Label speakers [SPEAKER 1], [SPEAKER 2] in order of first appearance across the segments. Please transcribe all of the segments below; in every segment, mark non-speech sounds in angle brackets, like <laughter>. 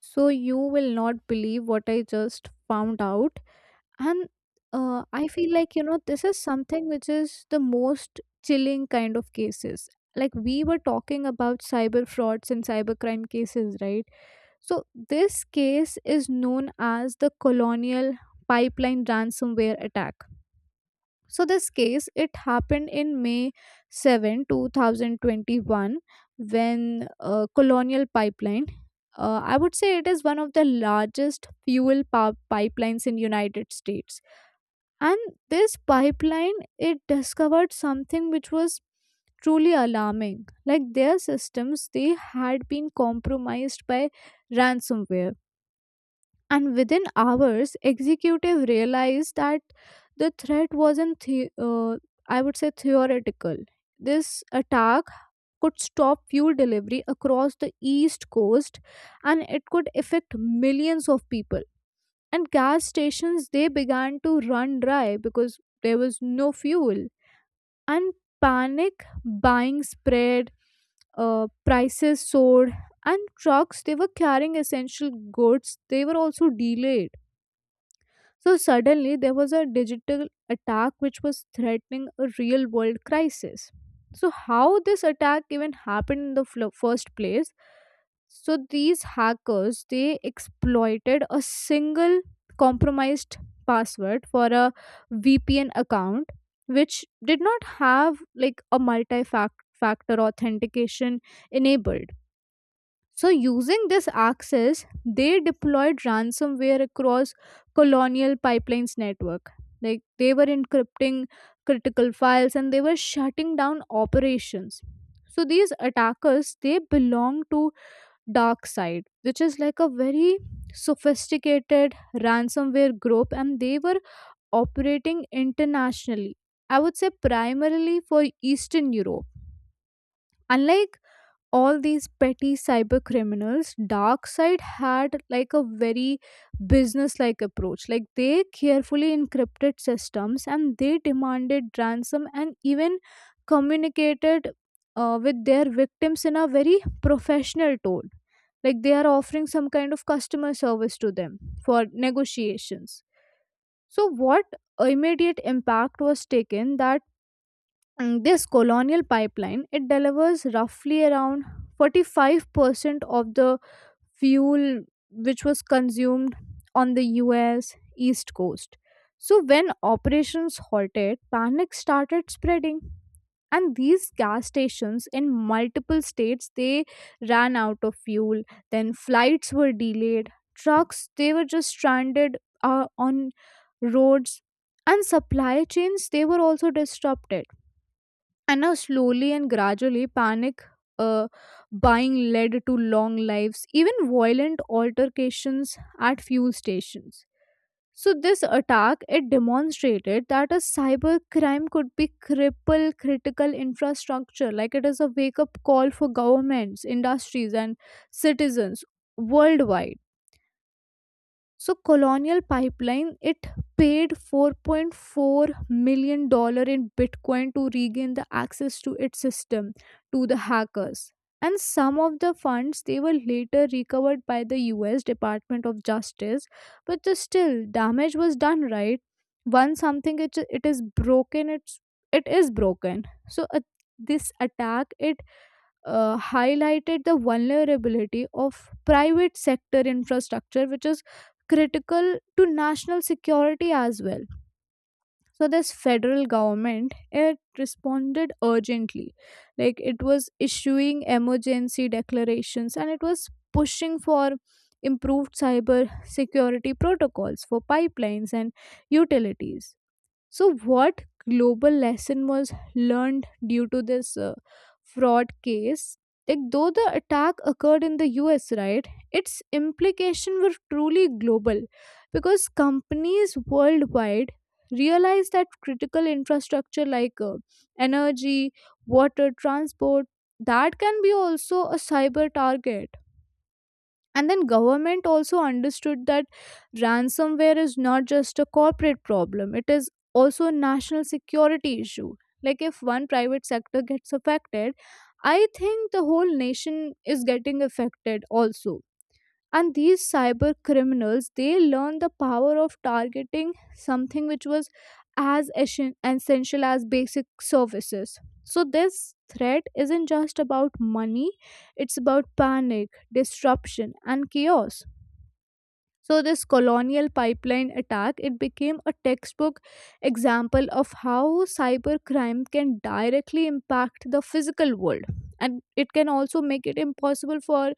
[SPEAKER 1] So you will not believe what I just found out. And I feel like, you know, this is something which is the most chilling kind of cases. Like we were talking about cyber frauds and cybercrime cases, right? So this case is known as the Colonial Pipeline ransomware attack. So this case it happened in May 7, 2021 when Colonial Pipeline I would say it is one of the largest fuel pipelines in United States and this pipeline it discovered something which was truly alarming like their systems they had been compromised by ransomware. And within hours executive realized that the threat wasn't, I would say, theoretical. This attack could stop fuel delivery across the east coast and it could affect millions of people. And gas stations they began to run dry because there was no fuel. And panic buying spread, prices soared, and trucks they were carrying essential goods they were also delayed. So suddenly there was a digital attack which was threatening a real world crisis. So, how this attack even happened in the first place? So, these hackers they exploited a single compromised password for a VPN account which did not have like a multi factor authentication enabled. So, using this access, they deployed ransomware across colonial pipelines network. Like they were encrypting critical files and they were shutting down operations. So these attackers they belong to dark side, which is like a very sophisticated ransomware group, and they were operating internationally. I would say primarily for Eastern Europe. Unlike all these petty cyber criminals, dark side had like a very business like approach. Like they carefully encrypted systems and they demanded ransom and even communicated with their victims in a very professional tone, like they are offering some kind of customer service to them for negotiations. So what immediate impact was taken that this colonial pipeline it delivers roughly around 45% of the fuel which was consumed on the US east coast. So when operations halted, panic started spreading and these gas stations in multiple states they ran out of fuel. Then flights were delayed, trucks they were just stranded on roads, and supply chains they were also disrupted. And now, slowly and gradually, panic uh, buying led to long lives, even violent altercations at fuel stations. So, this attack it demonstrated that a cyber crime could be cripple critical infrastructure. Like it is a wake up call for governments, industries, and citizens worldwide. So Colonial Pipeline it paid 4.4 million dollars in Bitcoin to regain the access to its system to the hackers. And some of the funds they were later recovered by the US Department of Justice, but the still damage was done, right. Once something it is broken, it is broken. So uh, this attack it highlighted the vulnerability of private sector infrastructure, which is critical to national security as well. So this federal government it responded urgently, like it was issuing emergency declarations and it was pushing for improved cyber security protocols for pipelines and utilities. So, what global lesson was learned due to this fraud case? Like, though the attack occurred in the US, right, its implications were truly global because companies worldwide realized that critical infrastructure like energy, water, transport, that can be also a cyber target. And then government also understood that ransomware is not just a corporate problem, it is also a national security issue. Like if one private sector gets affected, I think the whole nation is getting affected also. And these cyber criminals they learn the power of targeting something which was as essential as basic services. So this threat isn't just about money, it's about panic, disruption and chaos. So this colonial pipeline attack it became a textbook example of how cybercrime can directly impact the physical world, and it can also make it impossible for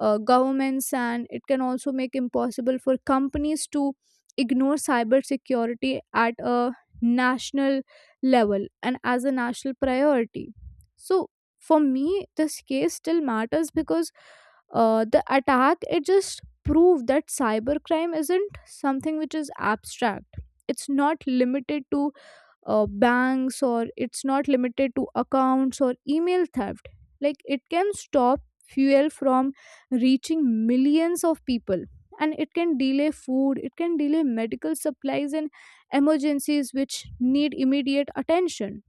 [SPEAKER 1] governments and it can also make impossible for companies to ignore cybersecurity at a national level and as a national priority. So for me this case still matters because the attack it just prove that cybercrime isn't something which is abstract. It's not limited to banks or it's not limited to accounts or email theft. Like it can stop fuel from reaching millions of people, and it can delay food, it can delay medical supplies and emergencies which need immediate attention.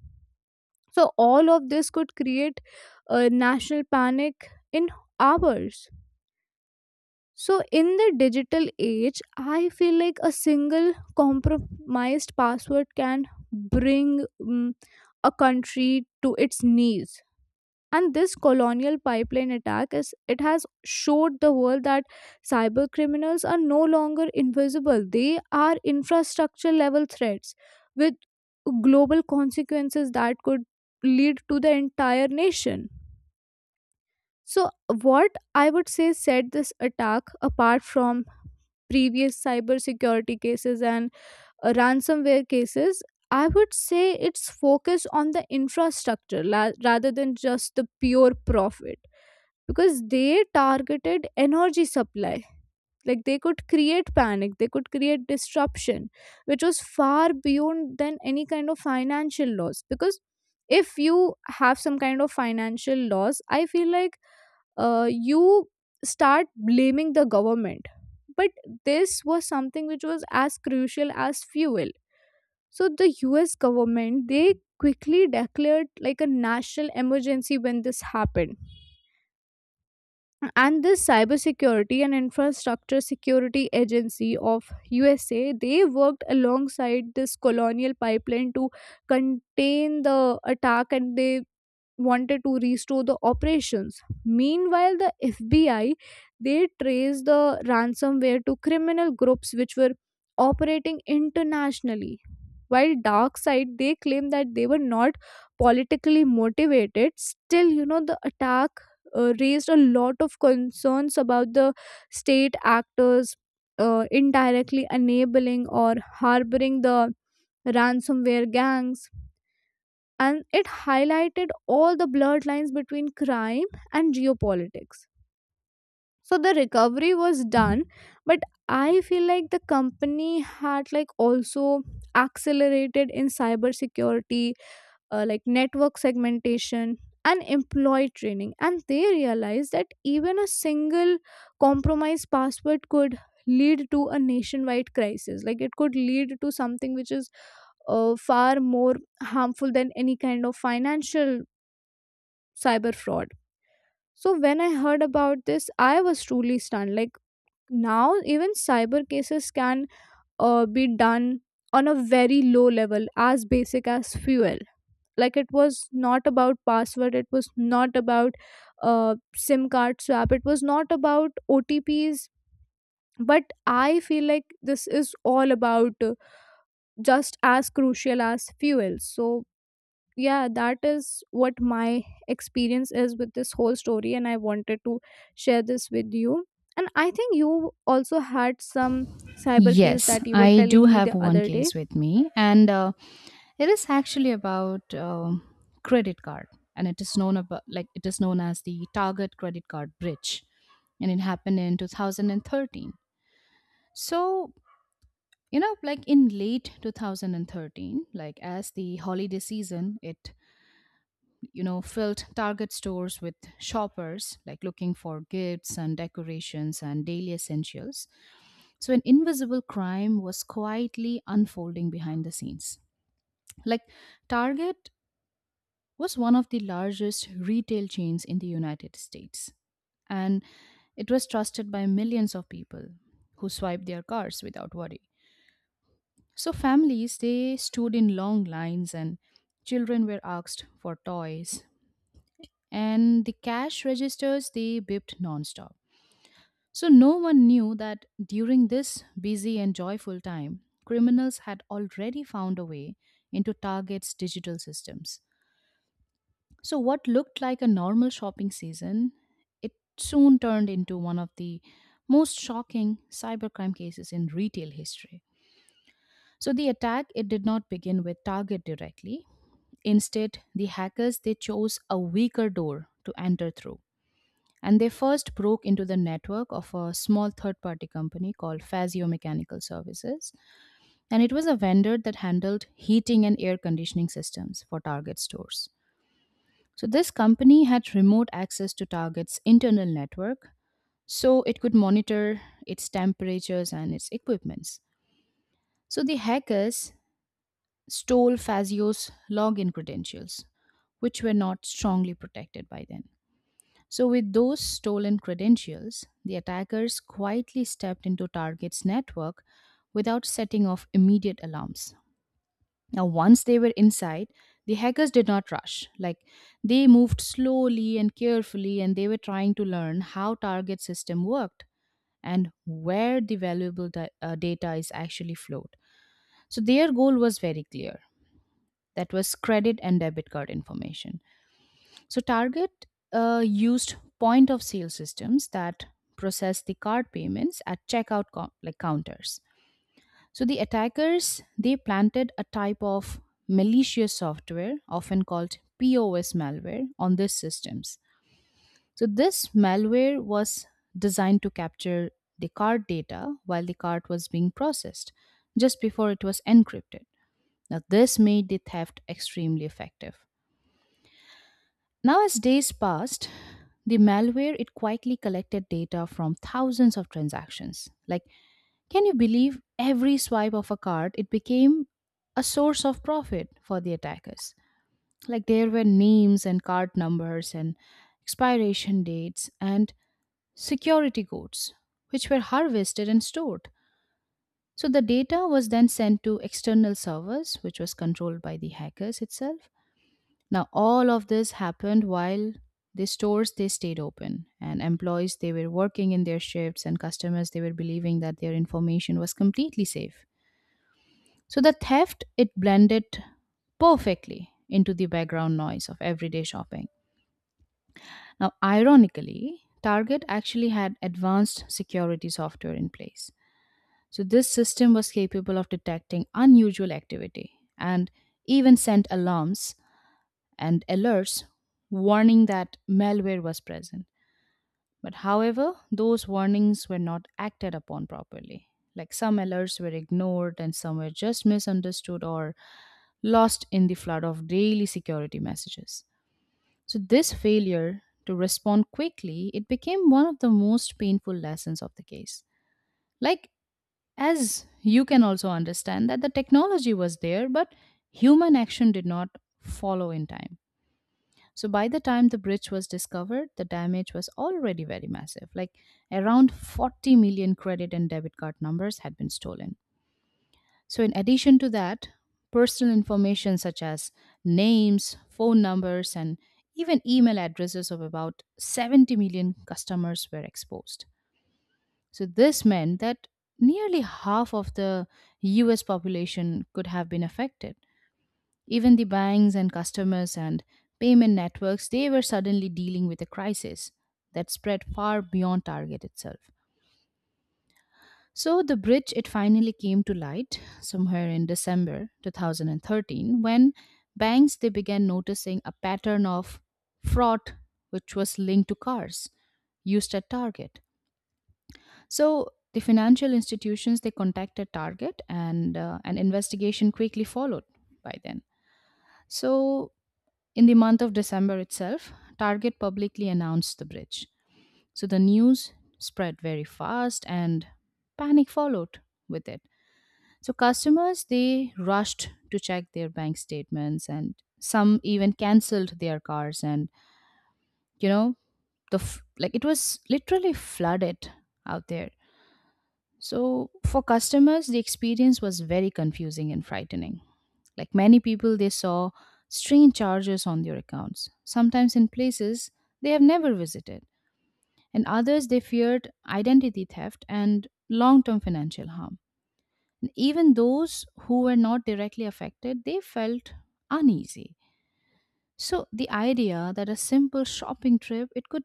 [SPEAKER 1] So all of this could create a national panic in hours. So, in the digital age, I feel like a single compromised password can bring a country to its knees. And this colonial pipeline attack is it has showed the world that cyber criminals are no longer invisible. They are infrastructure level threats with global consequences that could lead to the entire nation. So, what I would say set this attack apart from previous cyber security cases and ransomware cases, I would say it's focused on the infrastructure rather than just the pure profit because they targeted energy supply. Like they could create panic, they could create disruption, which was far beyond than any kind of financial loss. Because if you have some kind of financial loss, I feel like you start blaming the government. But this was something which was as crucial as fuel. So the US government they quickly declared like a national emergency when this happened. And this cybersecurity and infrastructure security agency of USA they worked alongside this colonial pipeline to contain the attack and they wanted to restore the operations. Meanwhile, the FBI they traced the ransomware to criminal groups which were operating internationally. While dark side they claim that they were not politically motivated, still you know the attack raised a lot of concerns about the state actors indirectly enabling or harboring the ransomware gangs, and it highlighted all the blurred lines between crime and geopolitics. So the recovery was done, but I feel like the company had like also accelerated in cybersecurity, like network segmentation and employee training, and they realized that even a single compromised password could lead to a nationwide crisis, like it could lead to something which is far more harmful than any kind of financial cyber fraud. So when I heard about this, I was truly stunned. Like now, even cyber cases can be done on a very low level, as basic as fuel. Like it was not about password, it was not about sim card swap, it was not about otps, but I feel like this is all about just as crucial as fuel. So yeah, that is what my experience is with this whole story, and I wanted to share this with you. And I think you also had some cyber case
[SPEAKER 2] Yes,
[SPEAKER 1] that you were
[SPEAKER 2] I do
[SPEAKER 1] telling me
[SPEAKER 2] have
[SPEAKER 1] the
[SPEAKER 2] one
[SPEAKER 1] other day.
[SPEAKER 2] case with me, and it is actually about credit card, and it is known as the Target credit card breach, and it happened in 2013. So like in late 2013, like as the holiday season, it filled Target stores with shoppers like looking for gifts and decorations and daily essentials. So an invisible crime was quietly unfolding behind the scenes. Like, Target was one of the largest retail chains in the United States, and it was trusted by millions of people who swiped their cards without worry. So families, they stood in long lines, and children were asked for toys, and the cash registers, they beeped nonstop. So no one knew that during this busy and joyful time, criminals had already found a way into Target's digital systems. So what looked like a normal shopping season, it soon turned into one of the most shocking cybercrime cases in retail history. So the attack, it did not begin with Target directly. Instead, the hackers, they chose a weaker door to enter through, and they first broke into the network of a small third party company called Fazio Mechanical Services, and it was a vendor that handled heating and air conditioning systems for Target stores. So this company had remote access to Target's internal network, so it could monitor its temperatures and its equipments. So the hackers stole Fazio's login credentials, which were not strongly protected by then. So with those stolen credentials, the attackers quietly stepped into Target's network without setting off immediate alarms. Now, once they were inside, the hackers did not rush. They moved slowly and carefully, and they were trying to learn how Target's system worked and where the valuable data is actually flowed. So their goal was very clear: that was credit and debit card information. So Target used point of sale systems that process the card payments at checkout counters. So the attackers, they planted a type of malicious software often called POS malware on these systems. So this malware was designed to capture the card data while the card was being processed, just before it was encrypted. Now this made the theft extremely effective. Now, as days passed, the malware, it quietly collected data from thousands of transactions. Like, can you believe every swipe of a card? It became a source of profit for the attackers. Like, there were names and card numbers and expiration dates and security codes, which were harvested and stored. So the data was then sent to external servers, which was controlled by the hackers itself. Now, all of this happened while the stores, they stayed open, and employees, they were working in their shifts, and customers, they were believing that their information was completely safe. So the theft, it blended perfectly into the background noise of everyday shopping. Now, ironically, Target actually had advanced security software in place. So this system was capable of detecting unusual activity and even sent alarms and alerts warning that malware was present. But however, those warnings were not acted upon properly. Like, some alerts were ignored and some were just misunderstood or lost in the flood of daily security messages. So this failure to respond quickly, it became one of the most painful lessons of the case. Like, as you can also understand that the technology was there, but human action did not follow in time. So by the time the bridge was discovered, the damage was already very massive. Like, around 40 million credit and debit card numbers had been stolen. So in addition to that, personal information such as names, phone numbers, and even email addresses of about 70 million customers were exposed. So this meant that nearly half of the US population could have been affected. Even the banks and customers and payment networks, they were suddenly dealing with a crisis that spread far beyond Target itself. So the bridge, it finally came to light somewhere in December 2013, when banks, they began noticing a pattern of fraud which was linked to cars used at Target. So the financial institutions, they contacted Target, and an investigation quickly followed by then. So in the month of December itself, Target publicly announced the bridge. So the news spread very fast, and panic followed with it. So customers, they rushed to check their bank statements, and some even canceled their cars, and you know the f- like it was literally flooded out there. So for customers, the experience was very confusing and frightening. Like, many people, they saw strange charges on their accounts, sometimes in places they have never visited, and others, they feared identity theft and long term financial harm. And even those who were not directly affected, they felt uneasy. So the idea that a simple shopping trip, it could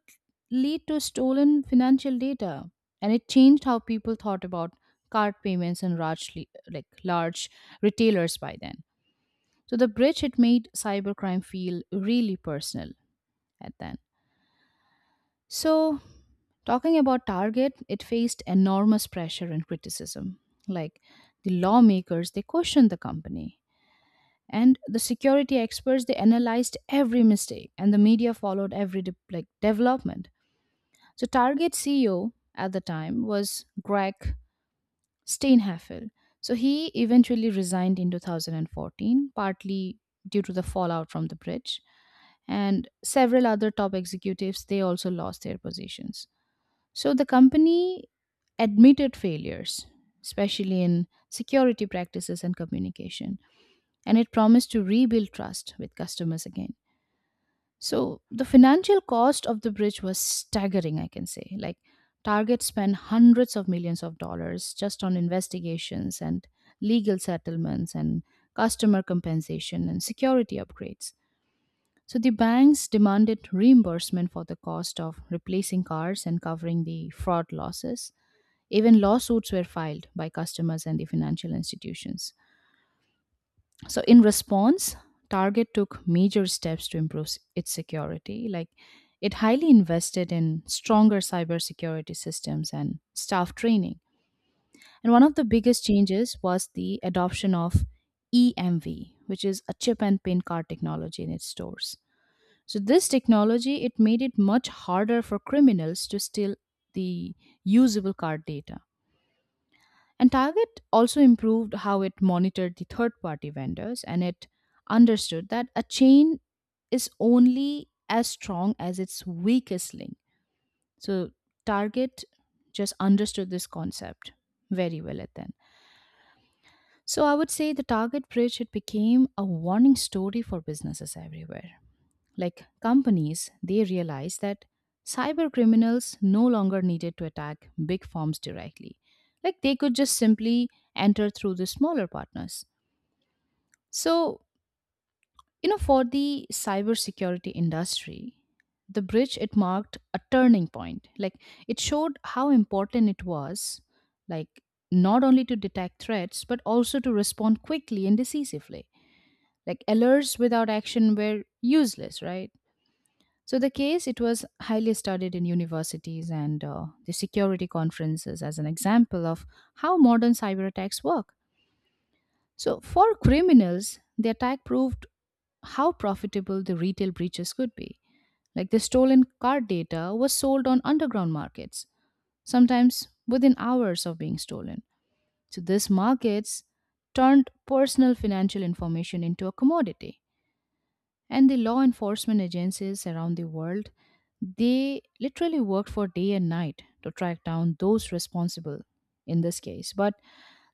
[SPEAKER 2] lead to stolen financial data, and it changed how people thought about card payments and large retailers by then. So the bridge, it made cybercrime feel really personal at then. So talking about Target, it faced enormous pressure and criticism. Like, the lawmakers, they questioned the company. And the security experts, they analyzed every mistake, and the media followed every development. So Target CEO at the time was Greg Steinheffel. So he eventually resigned in 2014, partly due to the fallout from the bridge, and several other top executives, they also lost their positions. So the company admitted failures, especially in security practices and communication, and it promised to rebuild trust with customers again. So the financial cost of the bridge was staggering, I can say. Like, Target spent hundreds of millions of dollars just on investigations and legal settlements and customer compensation and security upgrades. So the banks demanded reimbursement for the cost of replacing cars and covering the fraud losses. Even lawsuits were filed by customers and the financial institutions. So in response, Target took major steps to improve its security. Like, it highly invested in stronger cybersecurity systems and staff training. And one of the biggest changes was the adoption of EMV, which is a chip and pin card technology in its stores. So this technology, it made it much harder for criminals to steal the usable card data. And Target also improved how it monitored the third party vendors, and it understood that a chain is only as strong as its weakest link. So Target just understood this concept very well at then. So I would say the Target bridge, it became a warning story for businesses everywhere. Like, companies, they realized that cyber criminals no longer needed to attack big firms directly. Like, they could just simply enter through the smaller partners. So, for the cybersecurity industry, the bridge, it marked a turning point. Like, it showed how important it was, like, not only to detect threats but also to respond quickly and decisively. Like, alerts without action were useless, right? So the case, it was highly studied in universities and the security conferences as an example of how modern cyber attacks work. So for criminals, the attack proved how profitable the retail breaches could be. Like, the stolen card data was sold on underground markets, sometimes within hours of being stolen. So these markets turned personal financial information into a commodity, and the law enforcement agencies around the world, they literally worked for day and night to track down those responsible in this case. But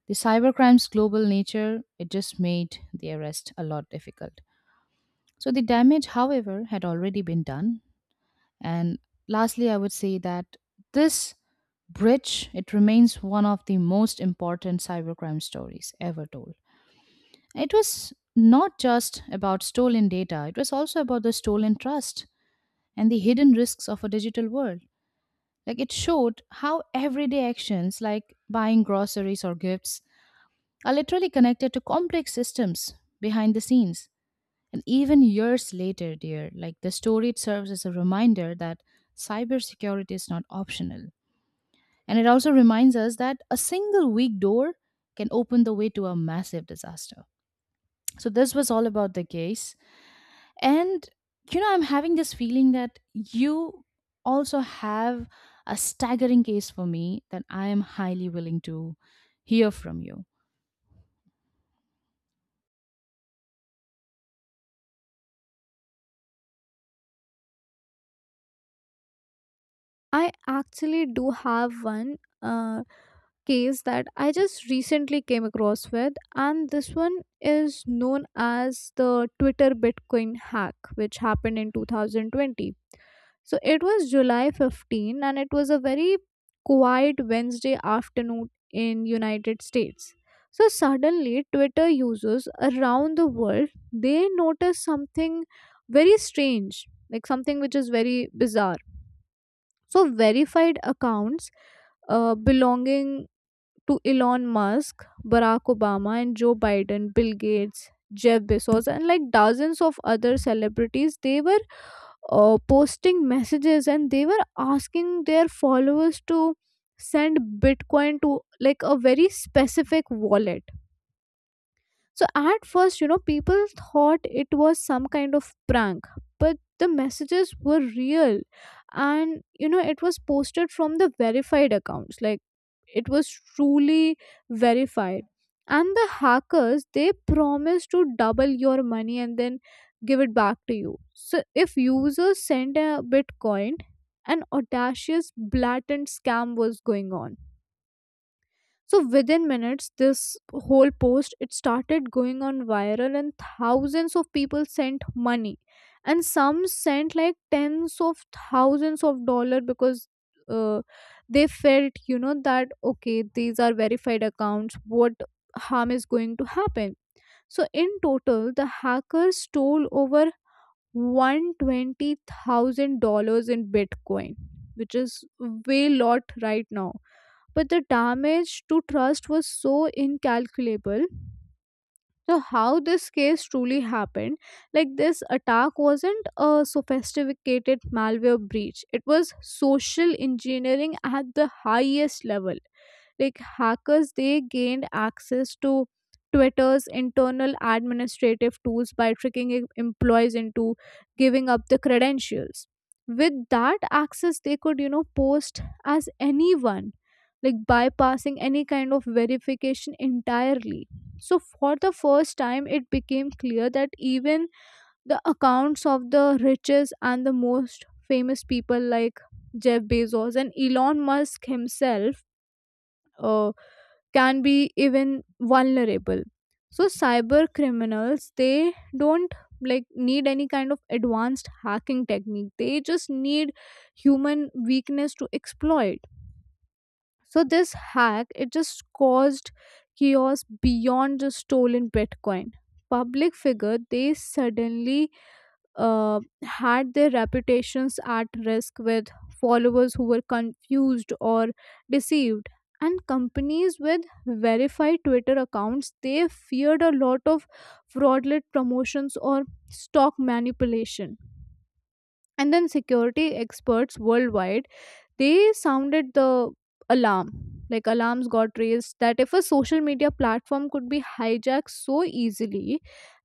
[SPEAKER 2] the cybercrime's global nature, it just made the arrest a lot difficult. So the damage, however, had already been done. And lastly, I would say that this bridge, it remains one of the most important cybercrime stories ever told. It was not just about stolen data, it was also about the stolen trust and the hidden risks of a digital world. Like, it showed how everyday actions like buying groceries or gifts are literally connected to complex systems behind the scenes. And even years later, dear, like, the story, it serves as a reminder that cybersecurity is not optional. And it also reminds us that a single weak door can open the way to a massive disaster. So this was all about the case. And I'm having this feeling that you also have a staggering case for me that I am highly willing to hear from you.
[SPEAKER 1] I actually do have one Uh, case that I just recently came across with, and this one is known as the Twitter Bitcoin hack, which happened in 2020. So it was July 15, and it was a very quiet Wednesday afternoon in United States. So suddenly, Twitter users around the world they noticed something very strange, like something which is very bizarre. So verified accounts belonging to Elon Musk, Barack Obama, and Joe Biden, Bill Gates, Jeff Bezos, and like dozens of other celebrities, they were posting messages and they were asking their followers to send Bitcoin to like a very specific wallet. So at first, you know, people thought it was some kind of prank, but the messages were real. And, you know, it was posted from the verified accounts. Like, it was truly verified. And the hackers, they promised to double your money and then give it back to you. So if users sent a Bitcoin, an audacious, blatant scam was going on. So within minutes this whole post it started going on viral, and thousands of people sent money, and some sent like tens of thousands of dollar because uh, they felt, you know, that okay, these are verified accounts, what harm is going to happen. So in total the hackers stole over $120,000 in bitcoin, which is way lot right now, but the damage to trust was so incalculable. So, how this case truly happened. Like, this attack wasn't a sophisticated malware breach, it was social engineering at the highest level. Like, hackers, they gained access to Twitter's internal administrative tools by tricking employees into giving up the credentials. With that access, they could, you know, post as anyone, like bypassing any kind of verification entirely. So for the first time it became clear that even the accounts of the richest and the most famous people, like Jeff Bezos and Elon Musk himself, uh can be even vulnerable. So cyber criminals, they don't, like, need any kind of advanced hacking technique, they just need human weakness to exploit. So this hack, it just caused chaos beyond just stolen bitcoin. Public figure, they suddenly had their reputations at risk, with followers who were confused or deceived. And companies with verified Twitter accounts, they feared a lot of fraudulent promotions or stock manipulation. And then security experts worldwide, they sounded the alarm. Like, alarms got raised that if a social media platform could be hijacked so easily,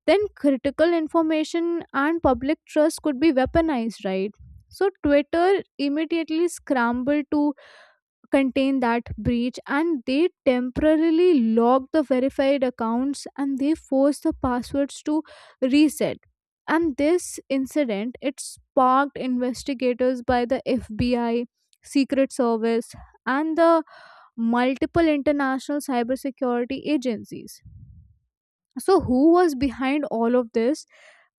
[SPEAKER 1] then critical information and public trust could be weaponized, right? So Twitter immediately scrambled to contain that breach, and they temporarily lock the verified accounts and they force the passwords to reset. And this incident, it sparked investigators by the FBI, secret service, and the multiple international cybersecurity agencies. So who was behind all of this?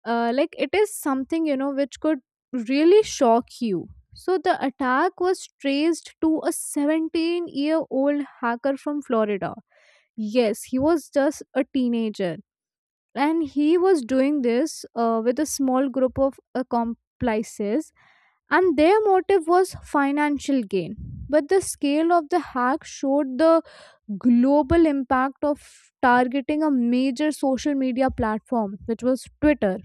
[SPEAKER 1] Like, it is something, you know, which could really shock you. So the attack was traced to a 17-year-old year old hacker from Florida. Yes, he was just a teenager, and he was doing this with a small group of accomplices, and their motive was financial gain. But the scale of the hack showed the global impact of targeting a major social media platform, which was Twitter.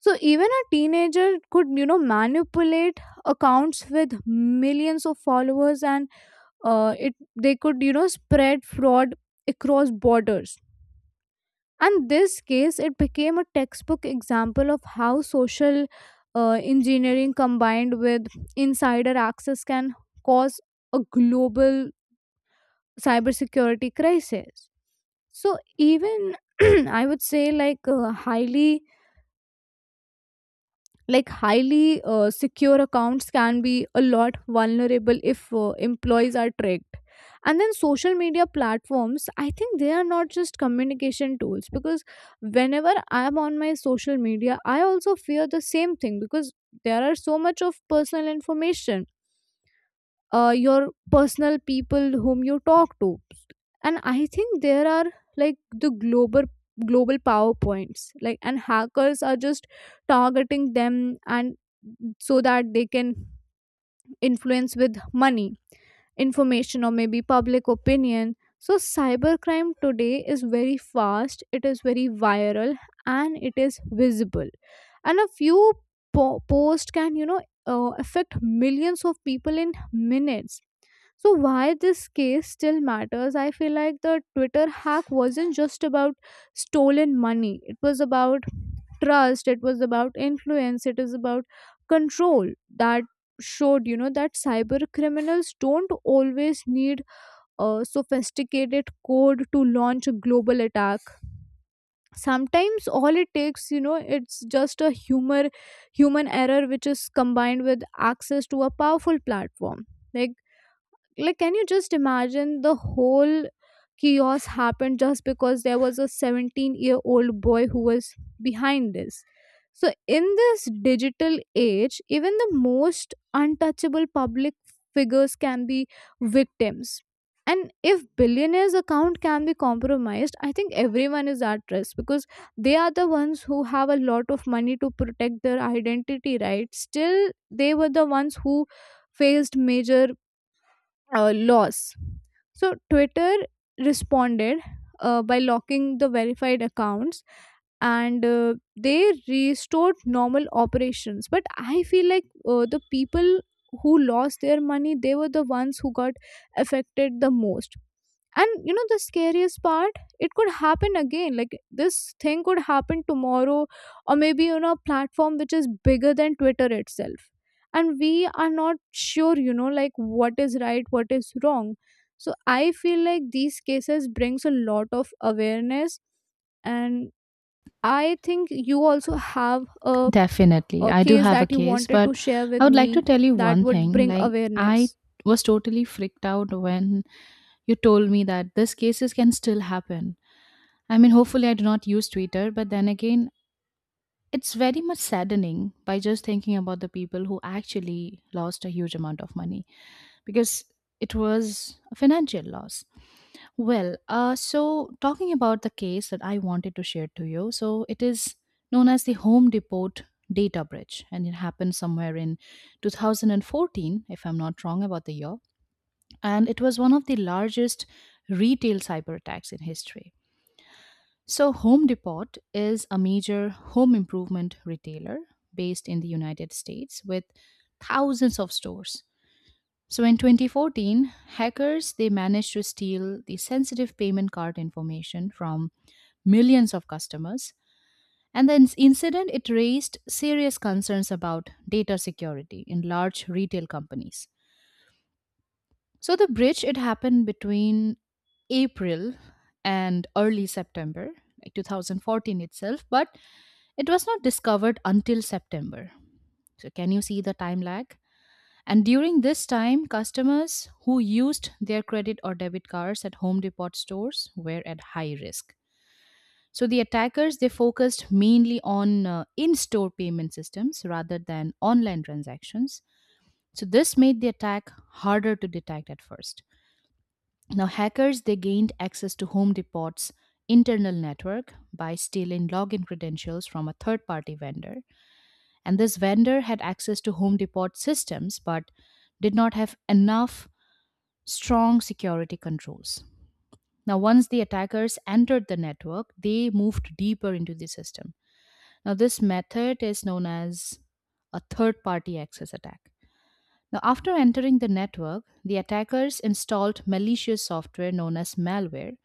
[SPEAKER 1] So even a teenager could, you know, manipulate accounts with millions of followers, and it they could, you know, spread fraud across borders. And this case, it became a textbook example of how social engineering combined with insider access can cause a global cybersecurity crisis. So, even <clears throat> I would say, like, highly secure accounts can be a lot vulnerable if employees are tracked. And then social media platforms, I think they are not just communication tools, because whenever I'm on my social media I also fear the same thing, because there are so much of personal information, your personal people whom you talk to. And I think there are, like, the global powerpoints, like, and hackers are just targeting them, and so that they can influence with money, information, or maybe public opinion. So cybercrime today is very fast, it is very viral, and it is visible. And a few post can, you know, affect millions of people in minutes. So why this case still matters? I feel like the Twitter hack wasn't just about stolen money. It was about trust, it was about influence, it is about control. That showed, you know, that cyber criminals don't always need a sophisticated code to launch a global attack. Sometimes all it takes, you know, it's just a humor human error, which is combined with access to a powerful platform. Like like, can you just imagine the whole chaos happened just because there was a 17-year-old year old boy who was behind this? So in this digital age, even the most untouchable public figures can be victims. And if billionaires account can be compromised, I think everyone is at risk, because they are the ones who have a lot of money to protect their identity, right? Still, they were the ones who faced major loss. So Twitter responded by locking the verified accounts, and they restored normal operations. But I feel like the people who lost their money, they were the ones who got affected the most. And you know, the scariest part, it could happen again. Like, this thing could happen tomorrow, or maybe on a platform which is bigger than Twitter itself, and we are not sure, you know, like what is right, what is wrong. So I feel like these cases brings a lot of awareness, and I think you also have a,
[SPEAKER 2] Definitely.
[SPEAKER 1] a
[SPEAKER 2] I do
[SPEAKER 1] case
[SPEAKER 2] have a
[SPEAKER 1] that you
[SPEAKER 2] case,
[SPEAKER 1] wanted to
[SPEAKER 2] but
[SPEAKER 1] share with
[SPEAKER 2] I would like
[SPEAKER 1] me
[SPEAKER 2] to tell you
[SPEAKER 1] that
[SPEAKER 2] one
[SPEAKER 1] would
[SPEAKER 2] thing.
[SPEAKER 1] bring
[SPEAKER 2] Like, I
[SPEAKER 1] awareness.
[SPEAKER 2] was totally freaked out when you told me that these cases can still happen. I mean, hopefully, I do not use Twitter, but then again, it's very much saddening by just thinking about the people who actually lost a huge amount of money because it was a financial loss. Well, so talking about the case that I wanted to share to you, so it is known as the Home Depot data breach, and it happened somewhere in 2014, if I'm not wrong about the year, and it was one of the largest retail cyber attacks in history. So, Home Depot is a major home improvement retailer based in the United States with thousands of stores. So, in 2014, hackers they managed to steal the sensitive payment card information from millions of customers. And the incident it raised serious concerns about data security in large retail companies. So the breach it happened between April and early September, like 2014 itself, but it was not discovered until September. So, can you see the time lag? And during this time, customers who used their credit or debit cards at Home Depot stores were at high risk. So, the attackers they focused mainly on in-store payment systems rather than online transactions. So, this made the attack harder to detect at first. Now, hackers they gained access to Home Depot's internal network by stealing login credentials from a third-party vendor. And this vendor had access to Home Depot systems but did not have enough strong security controls. Now, once the attackers entered the network, they moved deeper into the system. Now, this method is known as a third party access attack. Now, after entering the network, the attackers installed malicious software known as malware,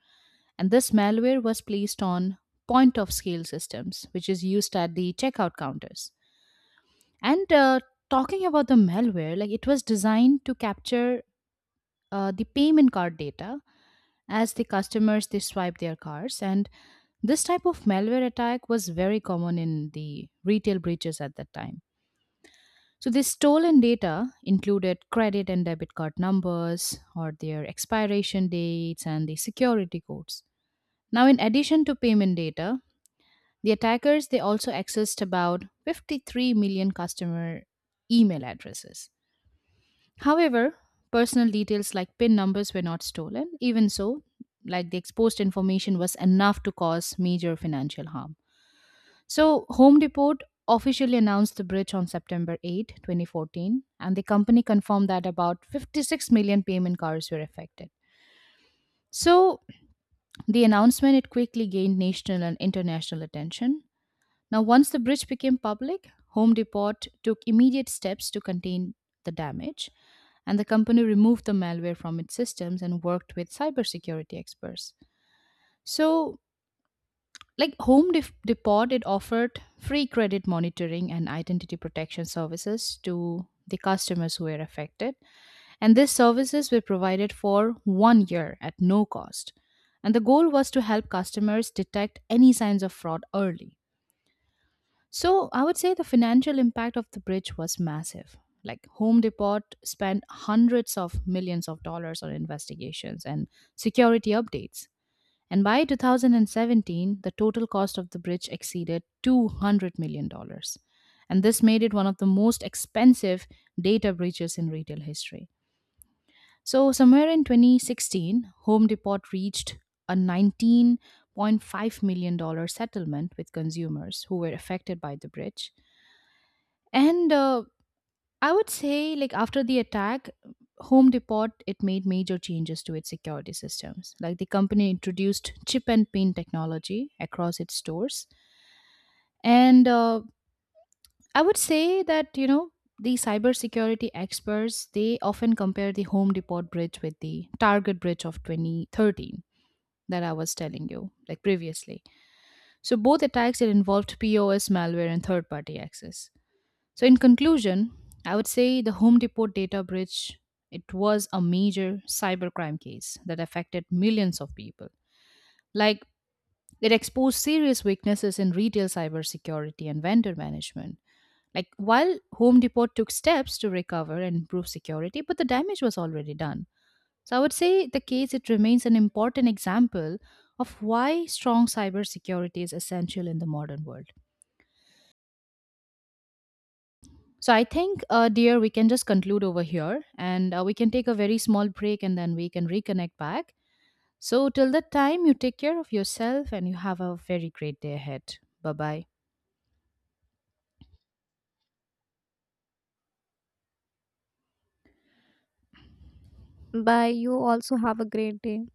[SPEAKER 2] and this malware was placed on point of sale systems, which is used at the checkout counters. And Talking about the malware, like it was designed to capture the payment card data as the customers they swipe their cards, and this type of malware attack was very common in the retail breaches at that time. So the stolen data included credit and debit card numbers or their expiration dates and the security codes. Now, in addition to payment data, the attackers they also accessed about 53 million customer email addresses. However, personal details like PIN numbers were not stolen. Even so, like the exposed information was enough to cause major financial harm. So, Home Depot officially announced the breach on September 8, 2014, and the company confirmed that about 56 million payment cards were affected. So, the announcement it quickly gained national and international attention. Now, once the breach became public, Home Depot took immediate steps to contain the damage, and the company removed the malware from its systems and worked with cybersecurity experts. So, like Home Depot, it offered free credit monitoring and identity protection services to the customers who were affected, and these services were provided for one year at no cost. And the goal was to help customers detect any signs of fraud early. So I would say the financial impact of the bridge was massive. Like Home Depot spent hundreds of millions of dollars on investigations and security updates. And by 2017, the total cost of the bridge exceeded $200 million. Dollars. And this made it one of the most expensive data breaches in retail history. So, somewhere in 2016, Home Depot reached a $19.5 million dollars settlement with consumers who were affected by the bridge, and I would say, like, after the attack, Home Depot it made major changes to its security systems. Like the company introduced chip and pin technology across its stores, and I would say that you know the cybersecurity experts they often compare the Home Depot bridge with the Target bridge of 2013 that I was telling you like previously. So both attacks it involved POS malware and third-party access. So in conclusion, I would say the Home Depot data breach it was a major cybercrime case that affected millions of people. Like it exposed serious weaknesses in retail cybersecurity and vendor management. Like while Home Depot took steps to recover and improve security, but the damage was already done. So I would say the case it remains an important example of why strong cybersecurity is essential in the modern world. So I think, dear, we can just conclude over here and we can take a very small break and then we can reconnect back. So till that time, you take care of yourself and you have a very great day ahead. Bye bye.
[SPEAKER 1] Bye. You also have a great day.